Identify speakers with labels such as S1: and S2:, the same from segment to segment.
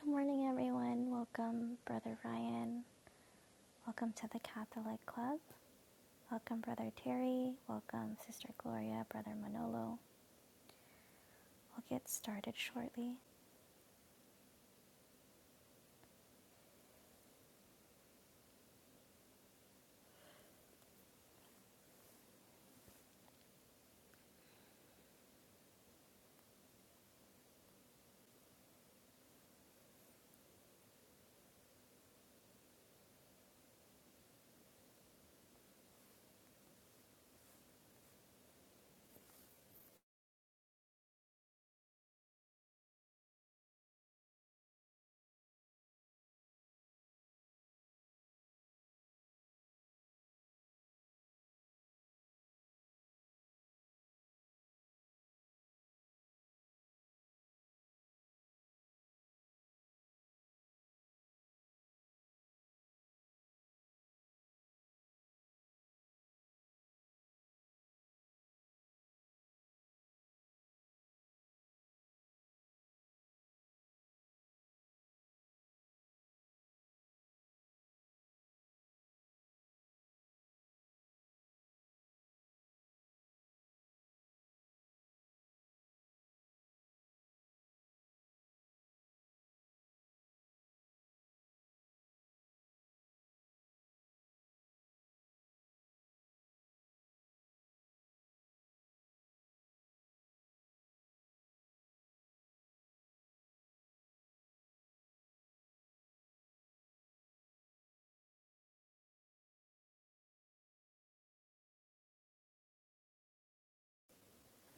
S1: Good morning, everyone. Welcome, Brother Ryan. Welcome to the Catholic Club. Welcome, Brother Terry. Welcome, Sister Gloria, Brother Manolo. We'll get started shortly.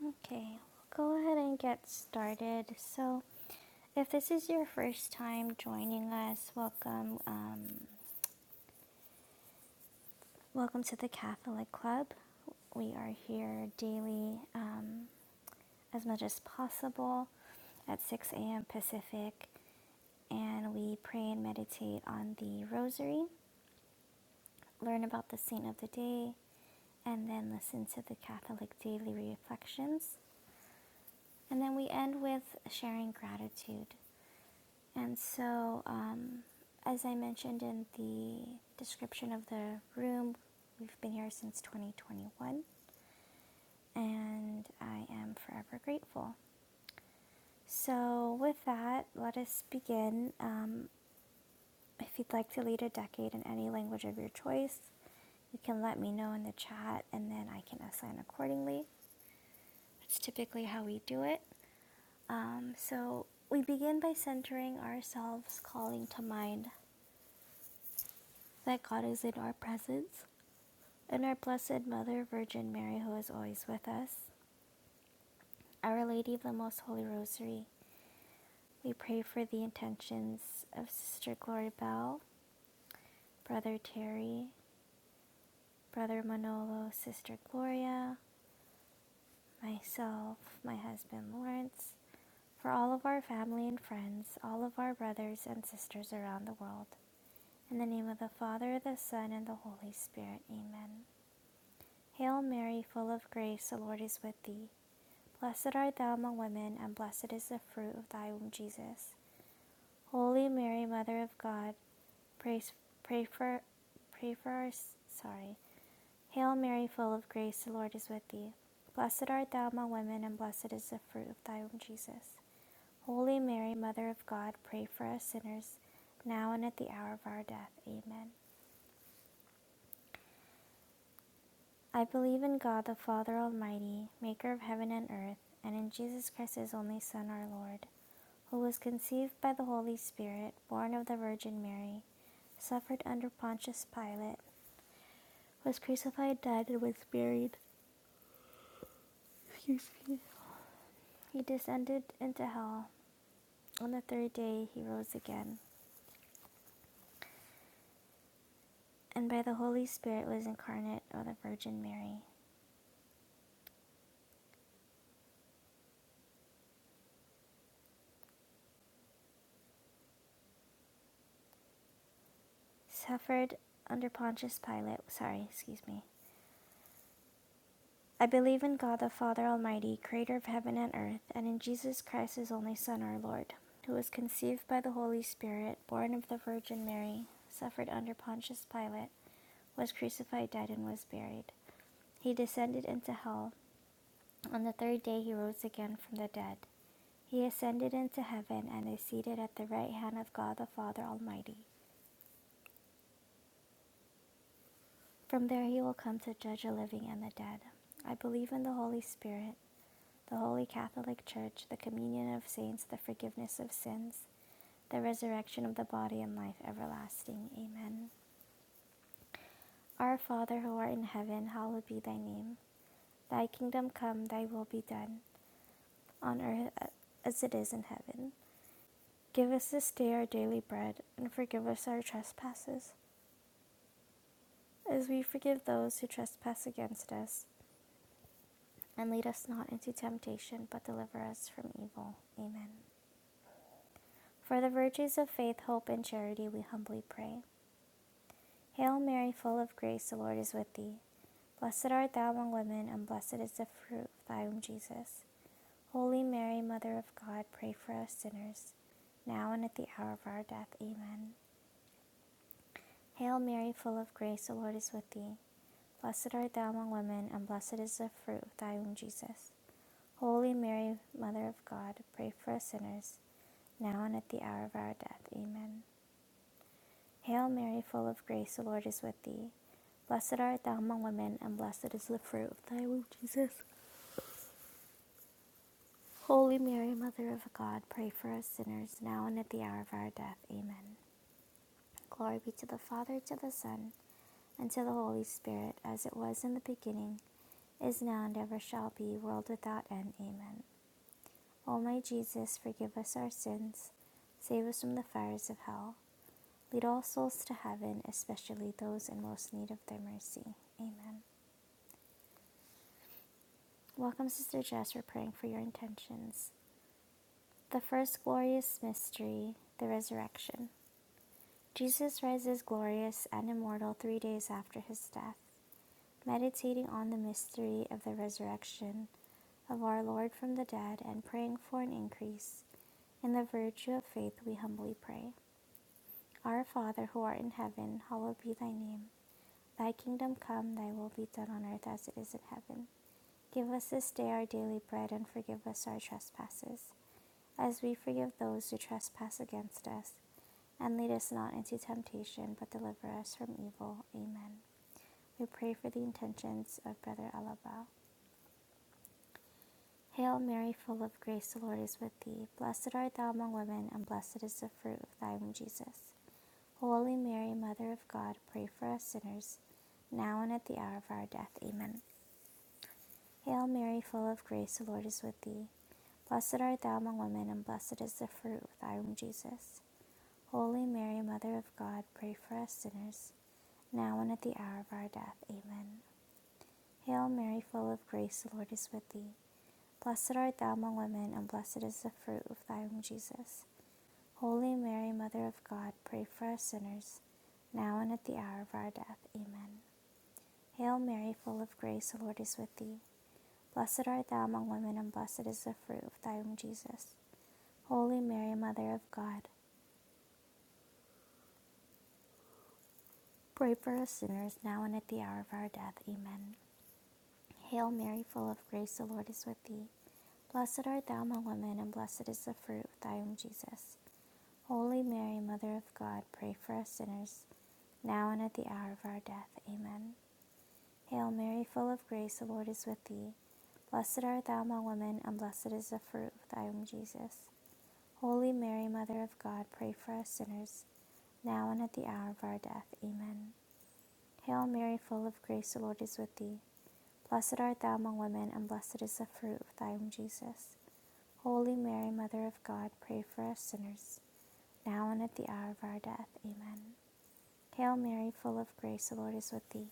S1: Okay, we'll go ahead and get started. So, if this is your first time joining us, welcome. Um, welcome to the Catholic Club. We are here daily um, as much as possible at 6 a.m. Pacific, and we pray and meditate on the Rosary. learn about the saint of the day, and then listen to the Catholic daily reflections. And then we end with sharing gratitude. And so, um, as I mentioned in the description of the room, we've been here since 2021, and I am forever grateful. So, with that, let us begin. Um, if you'd like to lead a decade in any language of your choice, you can let me know in the chat and then I can assign accordingly. That's typically how we do it. Um, so we begin by centering ourselves, calling to mind that God is in our presence and our Blessed Mother Virgin Mary, who is always with us. Our Lady of the Most Holy Rosary, we pray for the intentions of Sister Glory Bell, Brother Terry, Brother Manolo, Sister Gloria, myself, my husband Lawrence, for all of our family and friends, all of our brothers and sisters around the world, In the name of the Father, the Son, and the Holy Spirit. Amen. Hail Mary, full of grace, the Lord is with thee. Blessed art thou among women, and blessed is the fruit of thy womb, Jesus. Holy Mary, Mother of God, praise, pray for pray for our sorry. Hail Mary, full of grace, the Lord is with thee. Blessed art thou among women, and blessed is the fruit of thy womb, Jesus. Holy Mary, Mother of God, pray for us sinners, now and at the hour of our death. Amen. I believe in God the Father Almighty, maker of heaven and earth, and in Jesus Christ, his only Son, our Lord, who was conceived by the Holy Spirit, born of the Virgin Mary, suffered under Pontius Pilate, was crucified, died, and was buried. Excuse me. He descended into hell. On the third day, he rose again, and by the Holy Spirit was incarnate of the Virgin Mary. Suffered under Pontius Pilate. Sorry, excuse me. I believe in God the Father Almighty, creator of heaven and earth, and in Jesus Christ, his only Son, our Lord, who was conceived by the Holy Spirit, born of the Virgin Mary, suffered under Pontius Pilate, was crucified, died, and was buried. He descended into hell. On the third day, he rose again from the dead. He ascended into heaven and is seated at the right hand of God the Father Almighty. From there, he will come to judge the living and the dead. I believe in the Holy Spirit the Holy Catholic Church, the communion of saints, the forgiveness of sins, the resurrection of the body, and life everlasting. Amen. Our Father who art in heaven, hallowed be thy name. Thy kingdom come, thy will be done, on earth as it is in heaven. Give us this day our daily bread, and forgive us our trespasses, as we forgive those who trespass against us. And lead us not into temptation, but deliver us from evil. Amen. For the virtues of faith, hope, and charity, we humbly pray. Hail Mary, full of grace, the Lord is with thee. Blessed art thou among women, and blessed is the fruit of thy womb, Jesus. Holy Mary, Mother of God, pray for us sinners, now and at the hour of our death. Amen. Hail Mary, full of grace, the Lord is with thee. Blessed art thou among women, and blessed is the fruit of thy womb, Jesus. Holy Mary, Mother of God, pray for us sinners, now and at the hour of our death. Amen. Hail Mary, full of grace, the Lord is with thee. Blessed art thou among women, and blessed is the fruit of thy womb, Jesus. Holy Mary, Mother of God, pray for us sinners, now and at the hour of our death. Amen. Glory be to the Father, to the Son, and to the Holy Spirit, as it was in the beginning, is now, and ever shall be, world without end. Amen. O my Jesus, forgive us our sins, save us from the fires of hell. Lead all souls to heaven, especially those in most need of thy mercy. Amen. Welcome, Sister Jess. We're praying for your intentions. The first glorious mystery, the resurrection. Jesus rises glorious and immortal three days after his death. Meditating on the mystery of the resurrection of our Lord from the dead and praying for an increase in the virtue of faith, we humbly pray. Our Father who art in heaven, hallowed be thy name. Thy kingdom come, thy will be done on earth as it is in heaven. Give us this day our daily bread and forgive us our trespasses as we forgive those who trespass against us. And lead us not into temptation, but deliver us from evil. Amen. We pray for the intentions of Brother Alaba. Hail Mary, full of grace, the Lord is with thee. Blessed art thou among women, and blessed is the fruit of thy womb, Jesus. Holy Mary, Mother of God, pray for us sinners, now and at the hour of our death. Amen. Hail Mary, full of grace, the Lord is with thee. Blessed art thou among women, and blessed is the fruit of thy womb, Jesus. Holy Mary, Mother of God, pray for us sinners, now and at the hour of our death. Amen. Hail Mary, full of grace, the Lord is with thee. Blessed art thou among women, and blessed is the fruit of thy womb, Jesus. Holy Mary, Mother of God, pray for us sinners, now and at the hour of our death. Amen. Hail Mary, full of grace, the Lord is with thee. Blessed art thou among women, and blessed is the fruit of thy womb, Jesus. Holy Mary, Mother of God, pray for us sinners, now and at the hour of our death. Amen. Hail Mary, full of grace, the Lord is with thee. Blessed art thou among women, and blessed is the fruit of thy womb, Jesus. Holy Mary, Mother of God, pray for us sinners, now and at the hour of our death. Amen. Hail Mary, full of grace, the Lord is with thee. Blessed art thou among women, and blessed is the fruit of thy womb, Jesus. Holy Mary, Mother of God, pray for us sinners, now and at the hour of our death. Amen. Hail Mary, full of grace, the Lord is with thee. Blessed art thou among women, and blessed is the fruit of thy womb, Jesus. Holy Mary, Mother of God, pray for us sinners, now and at the hour of our death. Amen. Hail Mary, full of grace, the Lord is with thee.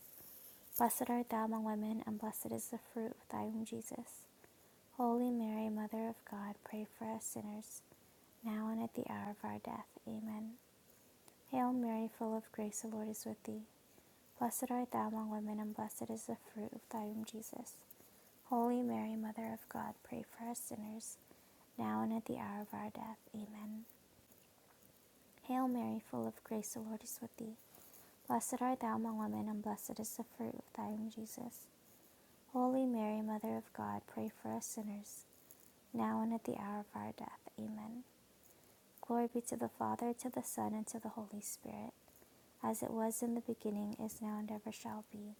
S1: Blessed art thou among women, and blessed is the fruit of thy womb, Jesus. Holy Mary, Mother of God, pray for us sinners, now and at the hour of our death. Amen. Hail Mary, full of grace, the Lord is with thee. Blessed art thou among women, and blessed is the fruit of thy womb, Jesus. Holy Mary, Mother of God, pray for us sinners, now and at the hour of our death. Amen. Hail Mary, full of grace, the Lord is with thee. Blessed art thou among women, and blessed is the fruit of thy womb, Jesus. Holy Mary, Mother of God, pray for us sinners, now and at the hour of our death. Amen. Glory be to the Father, to the Son, and to the Holy Spirit, as it was in the beginning, is now, and ever shall be,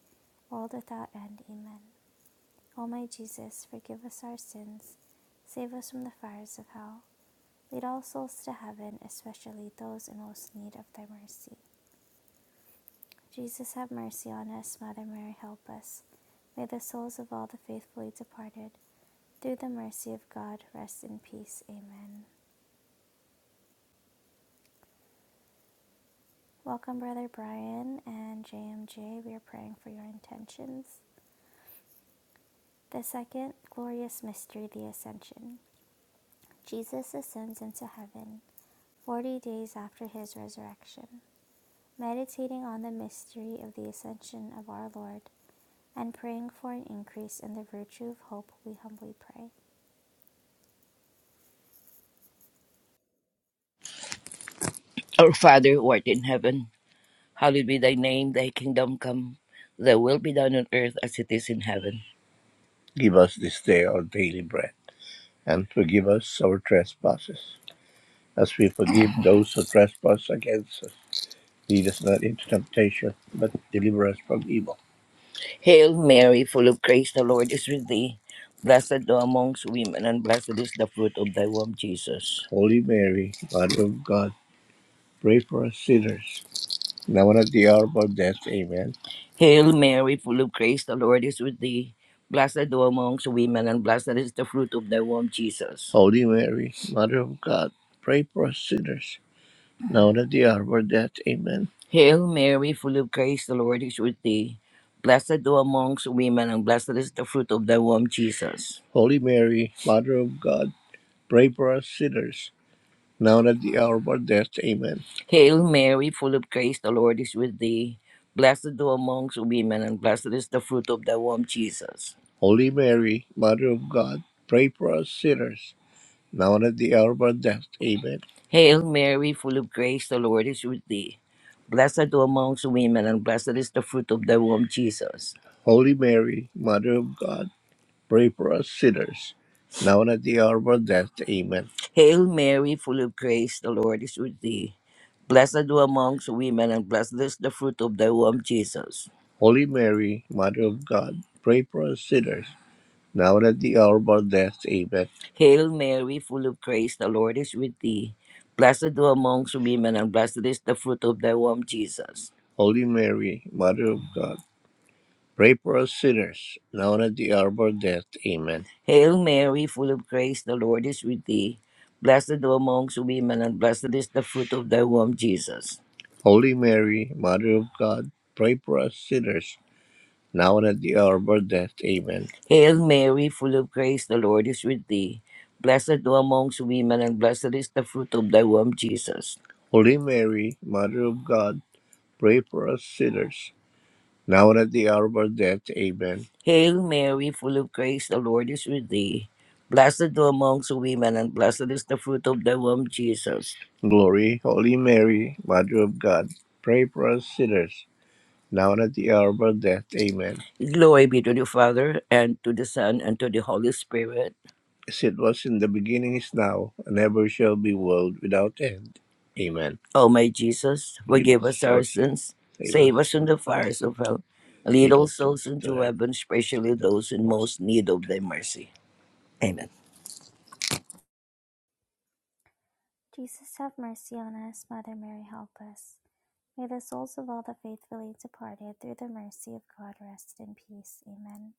S1: world without end. Amen. O my Jesus, forgive us our sins, save us from the fires of hell Lead all souls to heaven, especially those in most need of thy mercy. Jesus, have mercy on us. Mother Mary, help us. May the souls of all the faithfully departed, through the mercy of God, rest in peace. Amen. Welcome, Brother Brian and JMJ. We are praying for your intentions. The second glorious mystery, the Ascension. Jesus ascends into heaven 40 days after his resurrection. Meditating on the mystery of the Ascension of our Lord, and praying for an increase in the virtue of hope, we humbly pray.
S2: Our Father who art in heaven, hallowed be thy name, thy kingdom come, thy will be done on earth as it is in heaven. Give us this day our daily bread, and forgive us our trespasses, as we forgive those who trespass against us. Lead us not into temptation, but deliver us from evil. Hail Mary, full of grace, the Lord is with thee. Blessed thou amongst women, and blessed is the fruit of thy womb, Jesus. Holy Mary, Mother of God, pray for us sinners, Now and at the hour of our death. Amen. Hail Mary, full of grace, the Lord is with thee. Blessed thou amongst women, and blessed is the fruit of thy womb, Jesus. Holy Mary, Mother of God, pray for us sinners. Now and at the hour of our death. Amen. Hail Mary, full of grace, the Lord is with thee. Blessed thou amongst women, and blessed is the fruit of thy womb, Jesus. Holy Mary, Mother of God, pray for us sinners now and at the hour of our death. Amen. Hail Mary, full of grace, the Lord is with thee. Blessed thou amongst women, and blessed is the fruit of thy womb, Jesus. Holy Mary, Mother of God, pray for us sinners, now and at the hour of our death. Amen. Hail Mary, full of grace, the Lord is with thee. Blessed thou amongst women, and blessed is the fruit of thy womb, Jesus. Holy Mary, Mother of God, Pray for us sinners, now and at the hour of our death. Amen. Hail Mary, full of grace, the Lord is with thee. Blessed thou amongst women, and blessed is the fruit of thy womb, Jesus. Holy Mary, Mother of God, pray for us sinners, now and at the hour of our death. Amen. Hail Mary, full of grace, the Lord is with thee. Blessed thou amongst women, and blessed is the fruit of thy womb, Jesus. Holy Mary, Mother of God, Pray for us sinners, now and at the hour of our death. Amen. Hail Mary, full of grace, the Lord is with thee. Blessed thou amongst women, and blessed is the fruit of thy womb, Jesus. Holy Mary, Mother of God, pray for us sinners, now and at the hour of our death. Amen. Hail Mary, full of grace, the Lord is with thee. Blessed thou amongst women, and blessed is the fruit of thy womb, Jesus. Holy Mary, Mother of God, pray for us sinners, now and at the hour of our death. Amen. Hail Mary, full of grace, the Lord is with thee. Blessed thou amongst women, and blessed is the fruit of thy womb, Jesus. Glory, Holy Mary, Mother of God, pray for us sinners, now and at the hour of our death. Amen. Glory be to the Father, and to the Son, and to the Holy Spirit as it was in the beginning is now, and ever shall be world without end. Amen. O my Jesus, Forgive us our sins, save us from the fires of hell, and lead all souls into heaven. heaven, especially those in most need of thy mercy. Amen.
S1: Jesus, have mercy on us. Mother Mary, help us. May the souls of all the faithfully departed, through the mercy of God, rest in peace. Amen.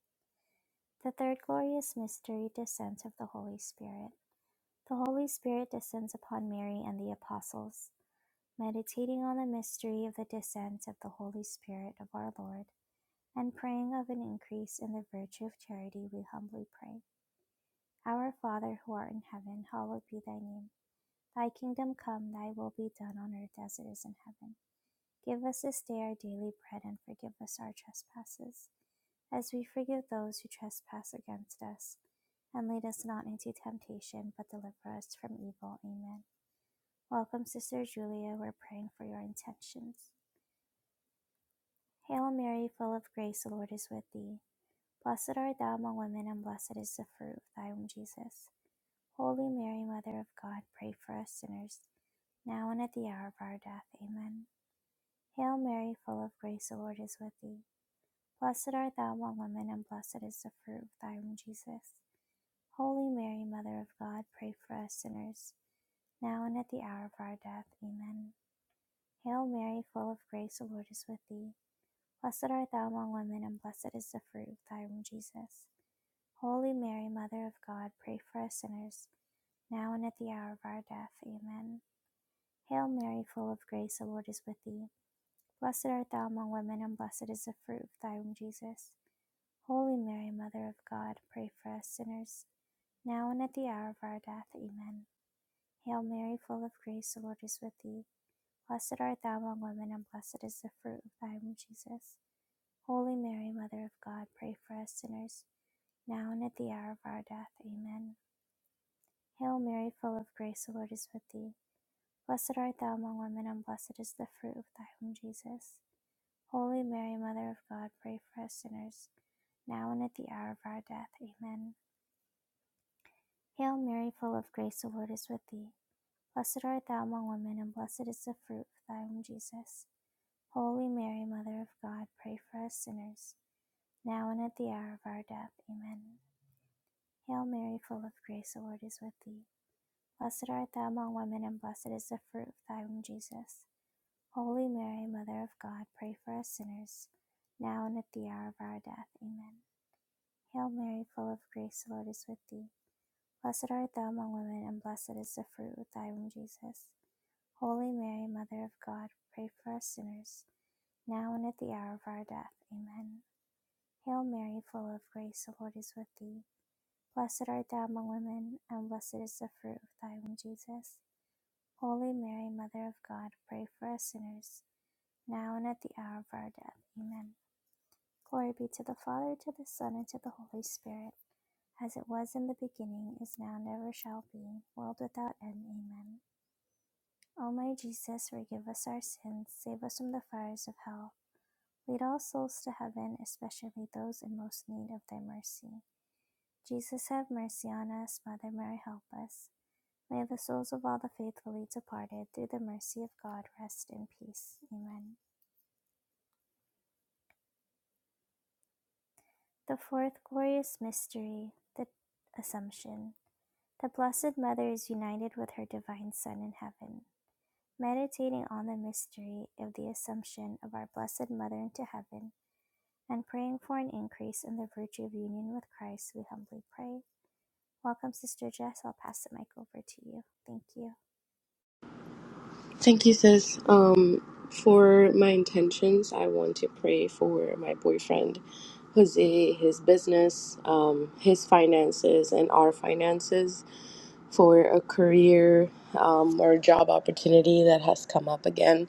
S1: The third glorious mystery, descent of the Holy Spirit. The Holy Spirit descends upon Mary and the apostles. Meditating on the mystery of the descent of the Holy Spirit of our Lord, and praying of an increase in the virtue of charity, we humbly pray. Our Father who art in heaven, hallowed be thy name. Thy kingdom come, thy will be done on earth as it is in heaven. Give us this day our daily bread and forgive us our trespasses, as we forgive those who trespass against us. And lead us not into temptation, but deliver us from evil. Amen. Welcome, Sister Julia. We're praying for your intentions. Hail Mary, full of grace, the Lord is with thee. Blessed art thou among women, and blessed is the fruit of thy womb, Jesus. Holy Mary, Mother of God, pray for us sinners, now and at the hour of our death. Amen. Hail Mary, full of grace, the Lord is with thee. Blessed art thou among women, and blessed is the fruit of thy womb, Jesus. Holy Mary, Mother of God, pray for us sinners, now and at the hour of our death. Amen. Hail Mary, full of grace, the Lord is with thee. Blessed art thou among women, and blessed is the fruit of thy womb, Jesus. Holy Mary, Mother of God, pray for us sinners, now and at the hour of our death. Amen. Hail Mary, full of grace, the Lord is with thee. Blessed art thou among women, and blessed is the fruit of thy womb, Jesus. Holy Mary, Mother of God, pray for us sinners, now and at the hour of our death. Amen. Hail Mary, full of grace, the Lord is with thee. Blessed art thou among women, and blessed is the fruit of thy womb, Jesus. Holy Mary, Mother of God, pray for us sinners, now and at the hour of our death. Amen. Hail Mary, full of grace, the Lord is with thee. Blessed art thou among women, and blessed is the fruit of thy womb, Jesus. Holy Mary, Mother of God, pray for us sinners, now and at the hour of our death. Amen. Hail Mary, full of grace, the Lord is with thee. Blessed art thou among women, and blessed is the fruit of thy womb, Jesus. Holy Mary, Mother of God, pray for us sinners, now and at the hour of our death. Amen. Hail Mary, full of grace, the Lord is with thee. Blessed art thou among women, and blessed is the fruit of thy womb, Jesus. Holy Mary, Mother of God, pray for us sinners, now and at the hour of our death. Amen. Hail Mary, full of grace, the Lord is with thee. Blessed art thou among women, and blessed is the fruit of thy womb, Jesus. Holy Mary, Mother of God, pray for us sinners, now and at the hour of our death. Amen. Hail Mary, full of grace, the Lord is with thee. Blessed art thou among women, and blessed is the fruit of thy womb, Jesus. Holy Mary, Mother of God, pray for us sinners, now and at the hour of our death. Amen. Glory be to the Father, to the Son, and to the Holy Spirit as it was in the beginning, is now, never shall be, world without end. Amen. O my Jesus, forgive us our sins, save us from the fires of hell. Lead all souls to heaven, especially those in most need of thy mercy. Jesus, have mercy on us. Mother Mary, help us. May the souls of all the faithfully departed, through the mercy of God, rest in peace. Amen. The fourth glorious mystery, the Assumption. The Blessed Mother is united with her Divine Son in heaven. meditating on the mystery of the Assumption of our Blessed Mother into heaven, and praying for an increase in the virtue of union with Christ, we humbly pray. Welcome, Sister Jess. I'll pass the mic over to you. Thank you.
S3: Thank you, sis. Um, for my intentions, I want to pray for my boyfriend, Jose, his business, um, his finances, and our finances for a career um, or job opportunity that has come up again.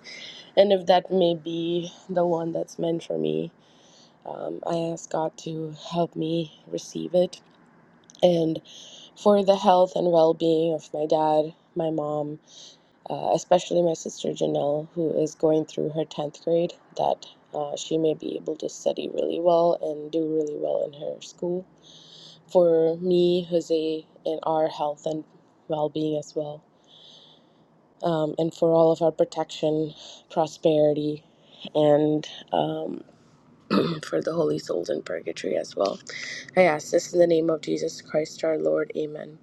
S3: And if that may be the one that's meant for me, um, I ask God to help me receive it. And for the health and well being of my dad, my mom, uh, especially my sister Janelle, who is going through her 10th grade, that uh, she may be able to study really well and do really well in her school. For me, Jose, and our health and well being as well, um, and for all of our protection, prosperity, and um, for the holy souls in purgatory as well. I ask this in the name of Jesus Christ our Lord. Amen.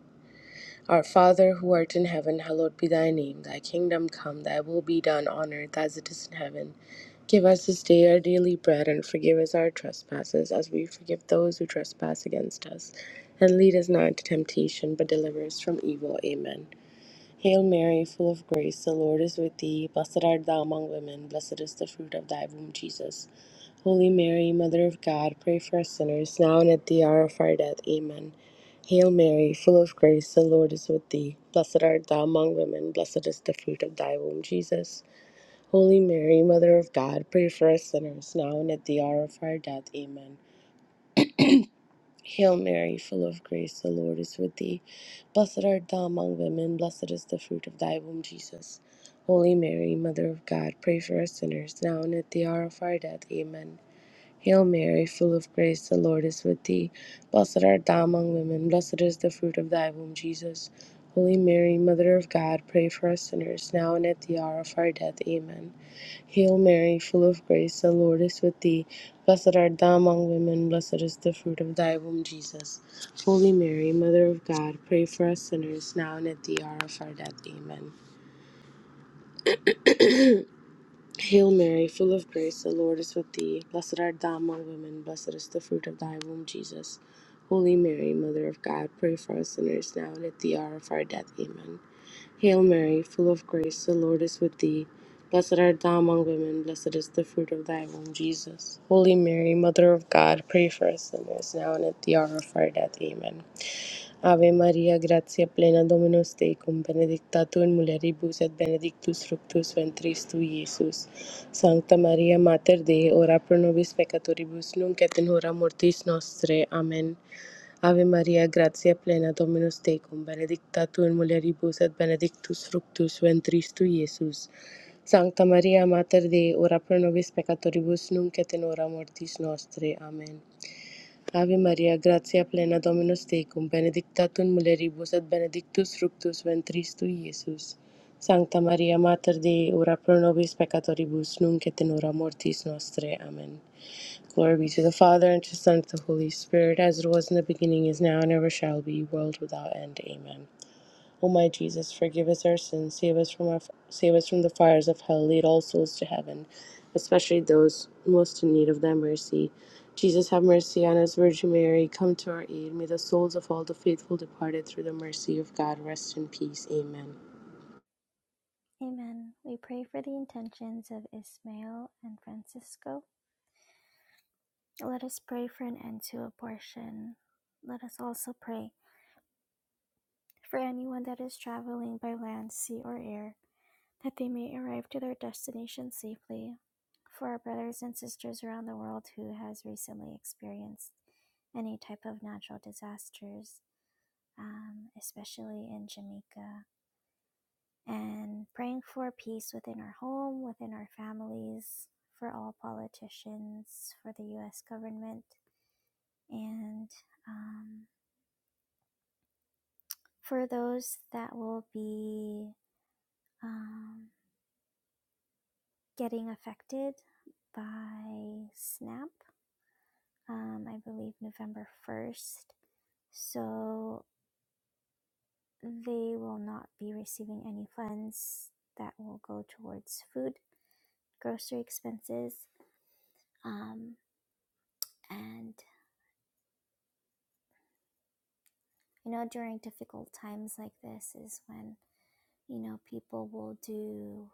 S3: Our Father who art in heaven, hallowed be thy name. Thy kingdom come, thy will be done on earth as it is in heaven. Give us this day our daily bread and forgive us our trespasses as we forgive those who trespass against us. And lead us not into temptation, but deliver us from evil. Amen. Hail Mary, full of grace, the Lord is with thee. Blessed art thou among women, blessed is the fruit of thy womb, Jesus. Holy Mary, Mother of God, pray for us sinners, now and at the hour of our death. Amen. Hail Mary, full of grace, the Lord is with thee. Blessed art thou among women, blessed is the fruit of thy womb, Jesus. Holy Mary, Mother of God, pray for us sinners, now and at the hour of our death. Amen. Hail Mary, full of grace, the Lord is with thee. Blessed art thou among women, blessed is the fruit of thy womb, Jesus. Holy Mary, Mother of God, pray for us sinners, now and at the hour of our death. Amen. Hail Mary, full of grace, the Lord is with thee. Blessed art thou among women, blessed is the fruit of thy womb, Jesus. Holy Mary, Mother of God, pray for us sinners, now and at the hour of our death. Amen. Hail Mary, full of grace, the Lord is with thee. Blessed art thou among women, blessed is the fruit of thy womb, Jesus. Holy Mary, Mother of God, pray for us sinners, now and at the hour of our death. Amen. Hail Mary, full of grace, the Lord is with thee. Blessed art thou among women, blessed is the fruit of thy womb, Jesus. Holy Mary, Mother of God, pray for us sinners now and at the hour of our death. Amen. Hail Mary, full of grace, the Lord is with thee. Blessed art thou among women, blessed is the fruit of thy womb, Jesus. Holy Mary, Mother of God, pray for us sinners now and at the hour of our death. Amen. Ave Maria, gratia plena Dominus tecum, benedicta tu in mulieribus et benedictus fructus ventris tu, Iesus. Sancta Maria, Mater Dei, ora pro nobis peccatoribus, nunc et in hora mortis nostre. Amen. Ave Maria, gratia plena Dominus tecum, benedicta tu in mulieribus et benedictus fructus ventris tu, Iesus. Sancta Maria, Mater Dei, ora pro nobis peccatoribus, nunc et in hora mortis nostre. Amen. Ave Maria, gratia plena Dominus tecum, benedicta tu in mulieribus et benedictus fructus ventris tui, Iesus. Sancta Maria, Mater Dei, ora pro nobis peccatoribus, nunc et in hora mortis nostrae. Amen. Glory be to the Father, and to the Son, and to the Holy Spirit, as it was in the beginning, is now, and ever shall be, world without end. Amen. O my Jesus, forgive us our sins, save us from our, save us from the fires of hell, lead all souls to heaven, especially those most in need of thy mercy. Jesus, have mercy on us, Virgin Mary, come to our aid. May the souls of all the faithful departed through the mercy of God rest in peace. Amen.
S1: Amen. We pray for the intentions of Ismael and Francisco. Let us pray for an end to abortion. Let us also pray for anyone that is traveling by land, sea, or air that they may arrive to their destination safely. For our brothers and sisters around the world who has recently experienced any type of natural disasters, um, especially in Jamaica, and praying for peace within our home, within our families, for all politicians, for the U.S. government, and um, for those that will be um, getting affected by SNAP um, I believe November 1st. So they will not be receiving any funds that will go towards food, grocery expenses. Um, and you know, during difficult times like this is when, you know, people will do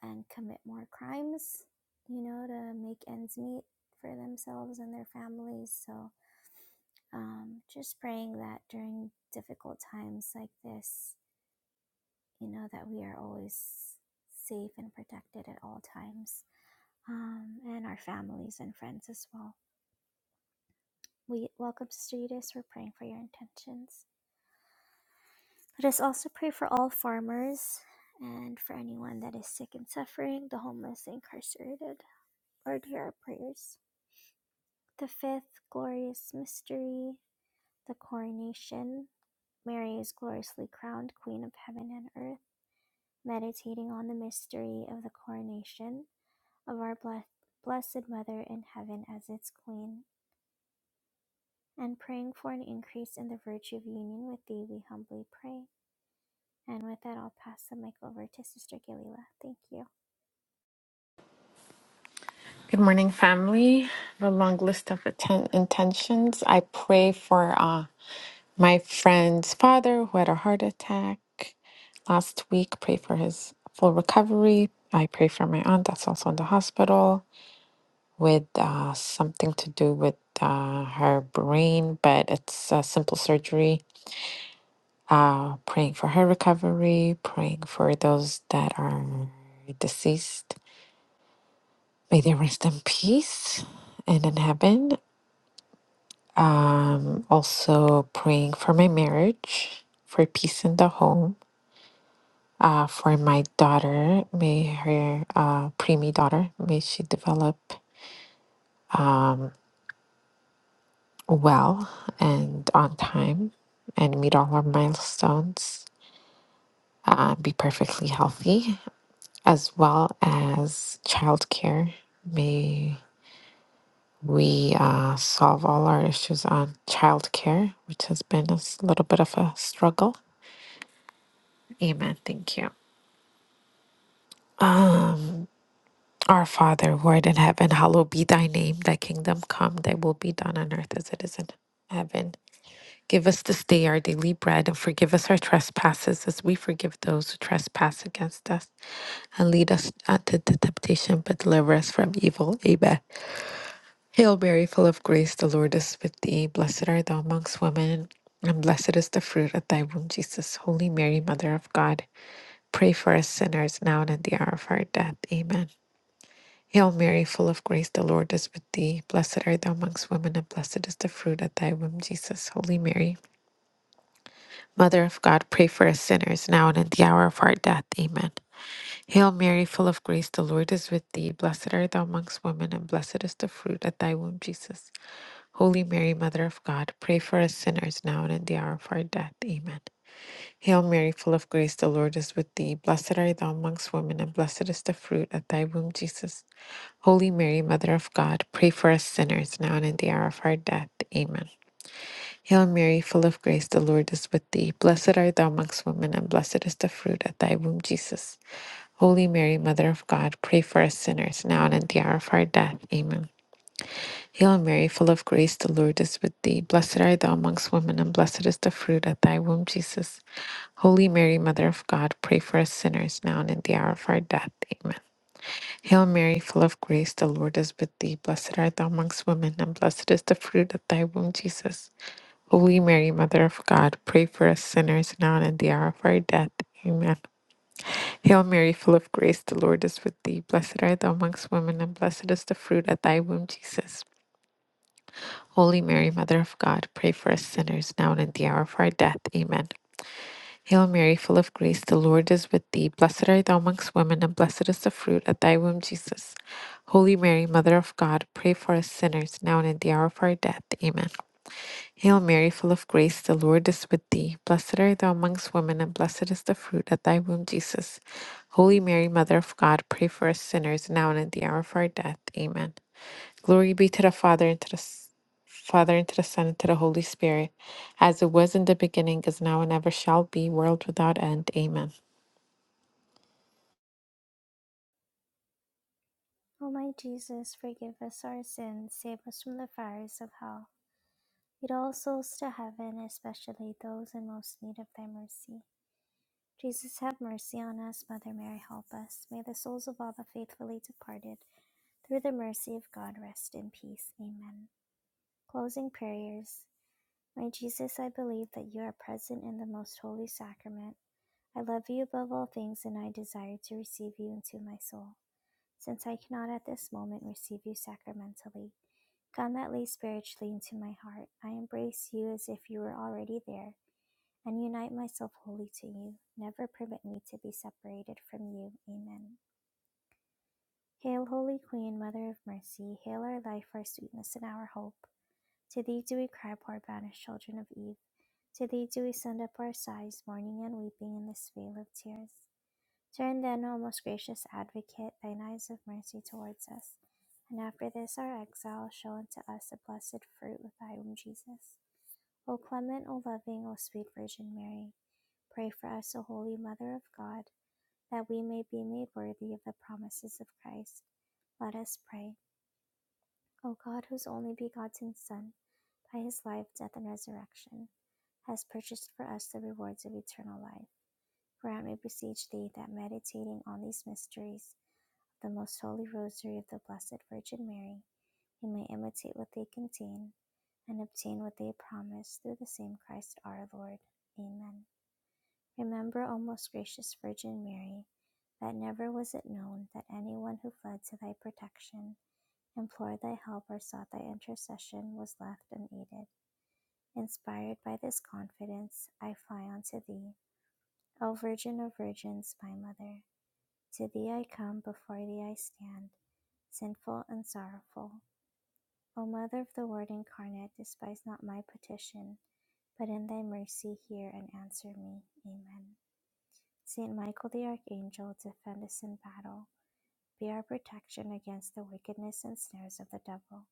S1: and commit more crimes, you know, to make ends meet for themselves and their families. So um, just praying that during difficult times like this, you know, that we are always safe and protected at all times, um, and our families and friends as well. We welcome Sister Eudes. We're praying for your intentions. Let us also pray for all farmers and for anyone that is sick and suffering, the homeless, the incarcerated. Lord, hear our prayers. The fifth glorious mystery, the coronation. Mary is gloriously crowned Queen of Heaven and Earth. Meditating on the mystery of the coronation, of our Bless- Blessed Mother in heaven as its Queen, and praying for an increase in the virtue of union with Thee, we humbly pray. And with that, I'll pass the mic over to Sister Galila. Thank you.
S4: Good morning, family. A long list of atten- intentions. I pray for uh, my friend's father who had a heart attack last week. Pray for his full recovery. I pray for my aunt that's also in the hospital with uh, something to do with uh, her brain, but it's a simple surgery. Uh, praying for her recovery, praying for those that are deceased. May they rest in peace and in heaven. Um, also praying for my marriage, for peace in the home, uh, for my daughter, may her uh, preemie daughter, may she develop well and on time and meet all our milestones, uh, be perfectly healthy, as well as childcare. May we uh, solve all our issues on childcare, which has been a s- little bit of a struggle. Amen. Thank you. Our Father, who art in heaven, hallowed be thy name. Thy kingdom come, thy will be done on earth as it is in heaven. Give us this day our daily bread and forgive us our trespasses as we forgive those who trespass against us. And lead us not into temptation, but deliver us from evil. Amen. Hail Mary, full of grace, the Lord is with thee. Blessed art thou amongst women, and blessed is the fruit of thy womb, Jesus. Holy Mary, Mother of God, pray for us sinners now and at the hour of our death. Amen. Hail Mary, full of grace, the Lord is with thee. Blessed art thou amongst women, and blessed is the fruit of thy womb, Jesus. Holy Mary, Mother of God, pray for us sinners, now and at the hour of our death. Amen. Hail Mary, full of grace, the Lord is with thee. Blessed art thou amongst women, and blessed is the fruit of thy womb, Jesus. Holy Mary, Mother of God, pray for us sinners, now and at the hour of our death. Amen. Hail Mary, full of grace, the Lord is with thee. Blessed art thou amongst women, and blessed is the fruit of thy womb, Jesus. Holy Mary, Mother of God, pray for us sinners now and at the hour of our death. Amen. Hail Mary, full of grace, the Lord is with thee. Blessed art thou amongst women, and blessed is the fruit of thy womb, Jesus. Holy Mary, Mother of God, pray for us sinners now and at the hour of our death. Amen. Hail Mary, full of grace, the Lord is with thee. Blessed art thou amongst women, and blessed is the fruit of thy womb, Jesus. Holy Mary, Mother of God, pray for us sinners now and at the hour of our death. Amen. Hail Mary, full of grace, the Lord is with thee. Blessed art thou amongst women, and blessed is the fruit of thy womb, Jesus. Holy Mary, Mother of God, pray for us sinners now and at the hour of our death. Amen. Hail Mary, full of grace, the Lord is with thee. Blessed art thou amongst women, and blessed is the fruit of thy womb, Jesus. Holy Mary, Mother of God, pray for us sinners now and at the hour of our death. Amen. Hail Mary, full of grace, the Lord is with thee. Blessed art thou amongst women, and blessed is the fruit of thy womb, Jesus. Holy Mary, Mother of God, pray for us sinners, now and at the hour of our death. Amen. Hail Mary, full of grace, the Lord is with thee. Blessed art thou amongst women, and blessed is the fruit of thy womb, Jesus. Holy Mary, Mother of God, pray for us sinners, now and at the hour of our death. Amen. Glory be to the Father and to the S- Father and to the Son and to the Holy Spirit, as it was in the beginning, is now, and ever shall be, world without end. Amen.
S1: O my Jesus, forgive us our sins, save us from the fires of hell. Lead all souls to heaven, especially those in most need of Thy mercy. Jesus, have mercy on us. Mother Mary, help us. May the souls of all the faithfully departed, through the mercy of God, rest in peace. Amen. Closing prayers. My Jesus, I believe that you are present in the most holy sacrament. I love you above all things, and I desire to receive you into my soul. Since I cannot at this moment receive you sacramentally, come at least spiritually into my heart. I embrace you as if you were already there, and unite myself wholly to you. Never permit me to be separated from you. Amen. Hail, Holy Queen, Mother of Mercy, hail our life, our sweetness, and our hope. To thee do we cry, poor banished children of Eve. To thee do we send up our sighs, mourning and weeping in this vale of tears. Turn then, O most gracious advocate, thine eyes of mercy towards us, and after this our exile, show unto us the blessed fruit of thy womb, Jesus. O clement, O loving, O sweet Virgin Mary, pray for us, O holy Mother of God, that we may be made worthy of the promises of Christ. Let us pray. O God, whose only begotten Son, by his life, death, and resurrection, has purchased for us the rewards of eternal life Grant, we beseech thee that meditating on these mysteries, the most holy rosary of the Blessed Virgin Mary, we may imitate what they contain and obtain what they promise through the same Christ our Lord. Amen. Remember, O most gracious Virgin Mary, that never was it known that anyone who fled to thy protection, implored thy help, or sought thy intercession was left unaided. Inspired by this confidence, I fly unto thee, O Virgin of Virgins, my Mother. To thee I come, before thee I stand, sinful and sorrowful. O Mother of the Word incarnate, despise not my petition, but in thy mercy hear and answer me. Amen. Saint Michael the Archangel, defend us in battle. Be our protection against the wickedness and snares of the devil.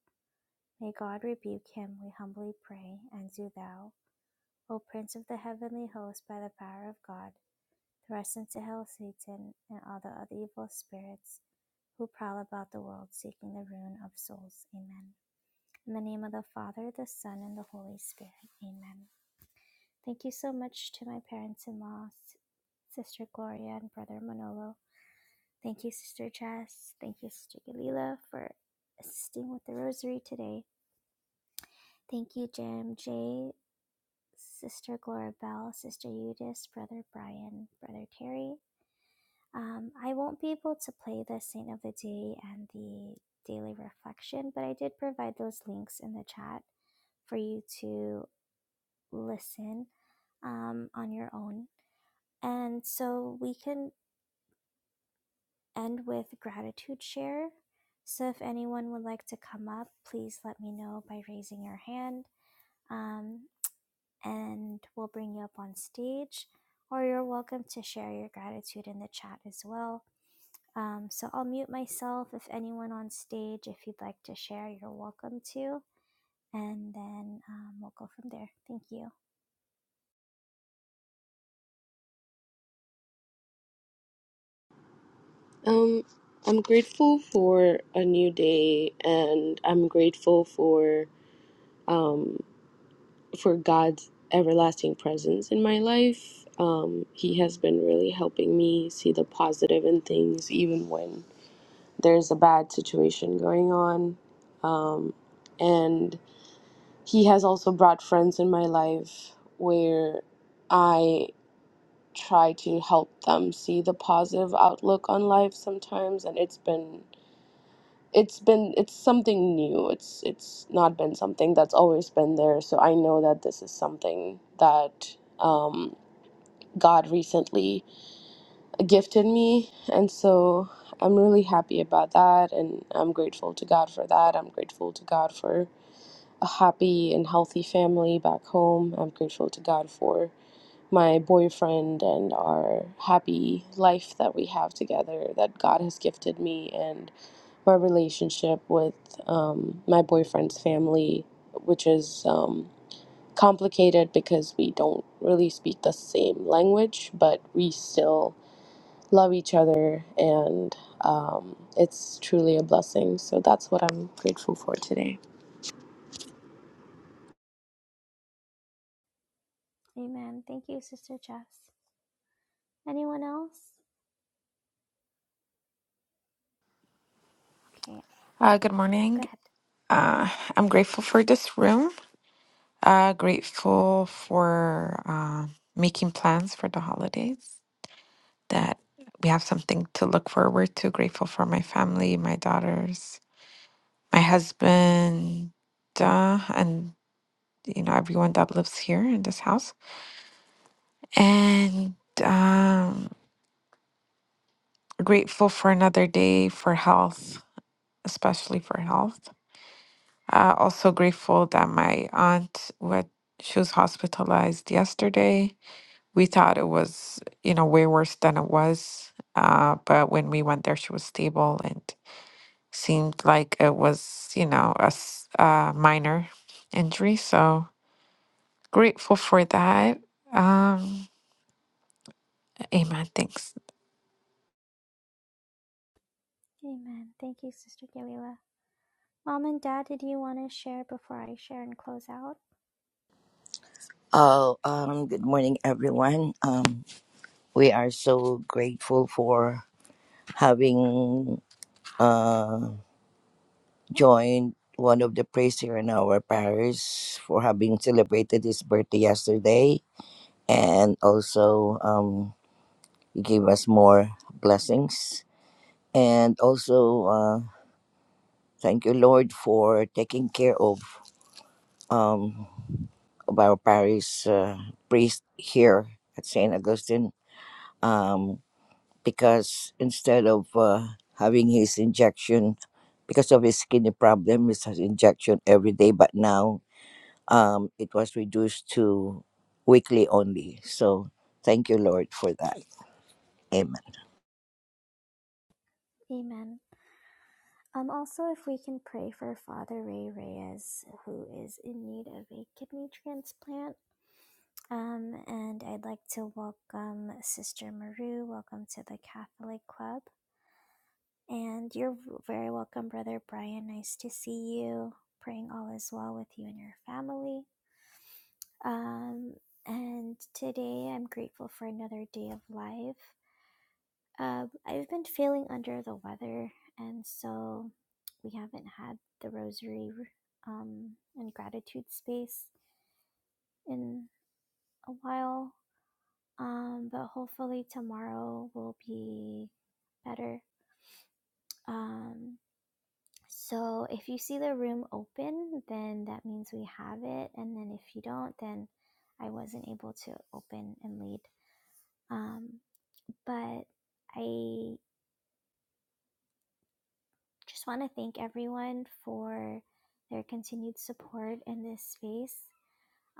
S1: May God rebuke him, we humbly pray, and do thou, O Prince of the heavenly host, by the power of God, thrust into hell Satan and all the other evil spirits who prowl about the world seeking the ruin of souls. Amen. In the name of the Father, the Son, and the Holy Spirit. Amen. Thank you so much to my parents in law, Sister Gloria and Brother Manolo. Thank you, Sister Jess. Thank you, Sister Galila, for assisting with the rosary today. Thank you, Jim, Jay, Sister Gloria Bell, Sister Eudice, Brother Brian, Brother Terry, Um, I won't be able to play the Saint of the Day and the daily reflection, but I did provide those links in the chat for you to listen um, on your own. And so we can end with gratitude share. So if anyone would like to come up, please let me know by raising your hand, um, and we'll bring you up on stage. Or you're welcome to share your gratitude in the chat as well Um, so I'll mute myself. If anyone on stage, if you'd like to share, you're welcome to. And then um, we'll go from there. Thank you.
S3: Um, I'm grateful for a new day, and I'm grateful for um. for God's everlasting presence in my life. Um, he has been really helping me see the positive in things, even when there's a bad situation going on. Um, and He has also brought friends in my life where I try to help them see the positive outlook on life sometimes, and it's been it's been it's something new it's it's not been something that's always been there so i know that this is something that um, god recently gifted me and so i'm really happy about that and i'm grateful to god for that i'm grateful to god for a happy and healthy family back home i'm grateful to god for my boyfriend and our happy life that we have together that god has gifted me and my relationship with um, my boyfriend's family, which is um, complicated because we don't really speak the same language, but we still love each other, and um, it's truly a blessing. So that's what I'm grateful for today.
S1: Amen. Thank you, Sister Jess. Anyone else? Okay,
S4: Uh, good morning.
S1: go ahead.
S4: Uh, I'm grateful for this room. Uh, grateful for uh, making plans for the holidays. That we have something to look forward to. Grateful for my family, my daughters, my husband, uh, and you know everyone that lives here in this house. And um Grateful for another day for health, especially for health. Uh, also grateful that my aunt, what she was hospitalized yesterday. We thought it was, you know, way worse than it was. Uh, but when we went there, she was stable and seemed like it was, you know, a s- uh, minor injury. So grateful for that. Um, amen. Thanks.
S1: Amen. Thank you, Sister Galila. Mom and Dad, did you want to share before I share and close out?
S2: Oh, um, good morning, everyone. Um, we are so grateful for having uh, joined one of the priests here in our parish for having celebrated his birthday yesterday and also um, you give us more blessings. And also, uh, thank you, Lord, for taking care of um, of our parish uh, priest here at St. Augustine um, because instead of uh, having his injection, because of his kidney problem, he has injection every day, but now um, it was reduced to weekly only. So thank you, Lord, for that. Amen.
S1: Amen. Um, also, if we can pray for Father Ray Reyes, who is in need of a kidney transplant. Um, and I'd like to welcome Sister Maru. Welcome to the Catholic Club. And you're very welcome, Brother Brian. Nice to see you. Praying all is well with you and your family. Um, and today I'm grateful for another day of life. Um, I've been feeling under the weather, and so we haven't had the rosary um, and gratitude space in a while Um, but hopefully tomorrow will be better. Um, so if you see the room open, then that means we have it. And then if you don't, then I wasn't able to open and lead. Um, but I just want to thank everyone for their continued support in this space.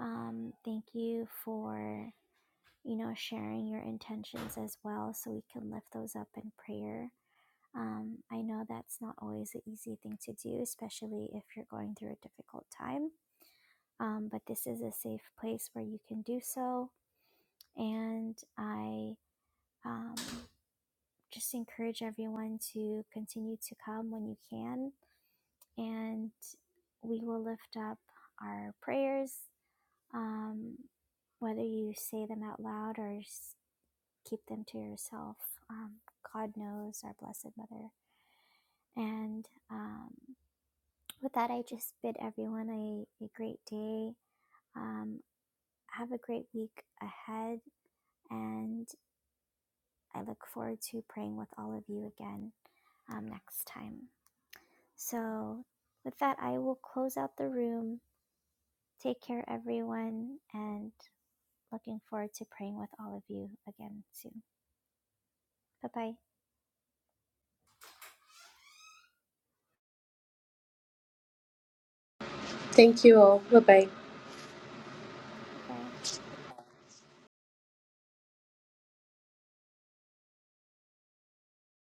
S1: Um, thank you for, you know, sharing your intentions as well so we can lift those up in prayer. Um, I know that's not always an easy thing to do, especially if you're going through a difficult time. Um, but this is a safe place where you can do so. And I um, just encourage everyone to continue to come when you can. And we will lift up our prayers, um, whether you say them out loud or keep them to yourself. Um, God knows our Blessed Mother. And um, With that, I just bid everyone a, a great day. Um, have a great week ahead, and I look forward to praying with all of you again um, next time. So, with that, I will close out the room. Take care, everyone, and looking forward to praying with all of you again soon. Bye bye.
S3: Thank you all. Bye bye.
S1: Bye bye.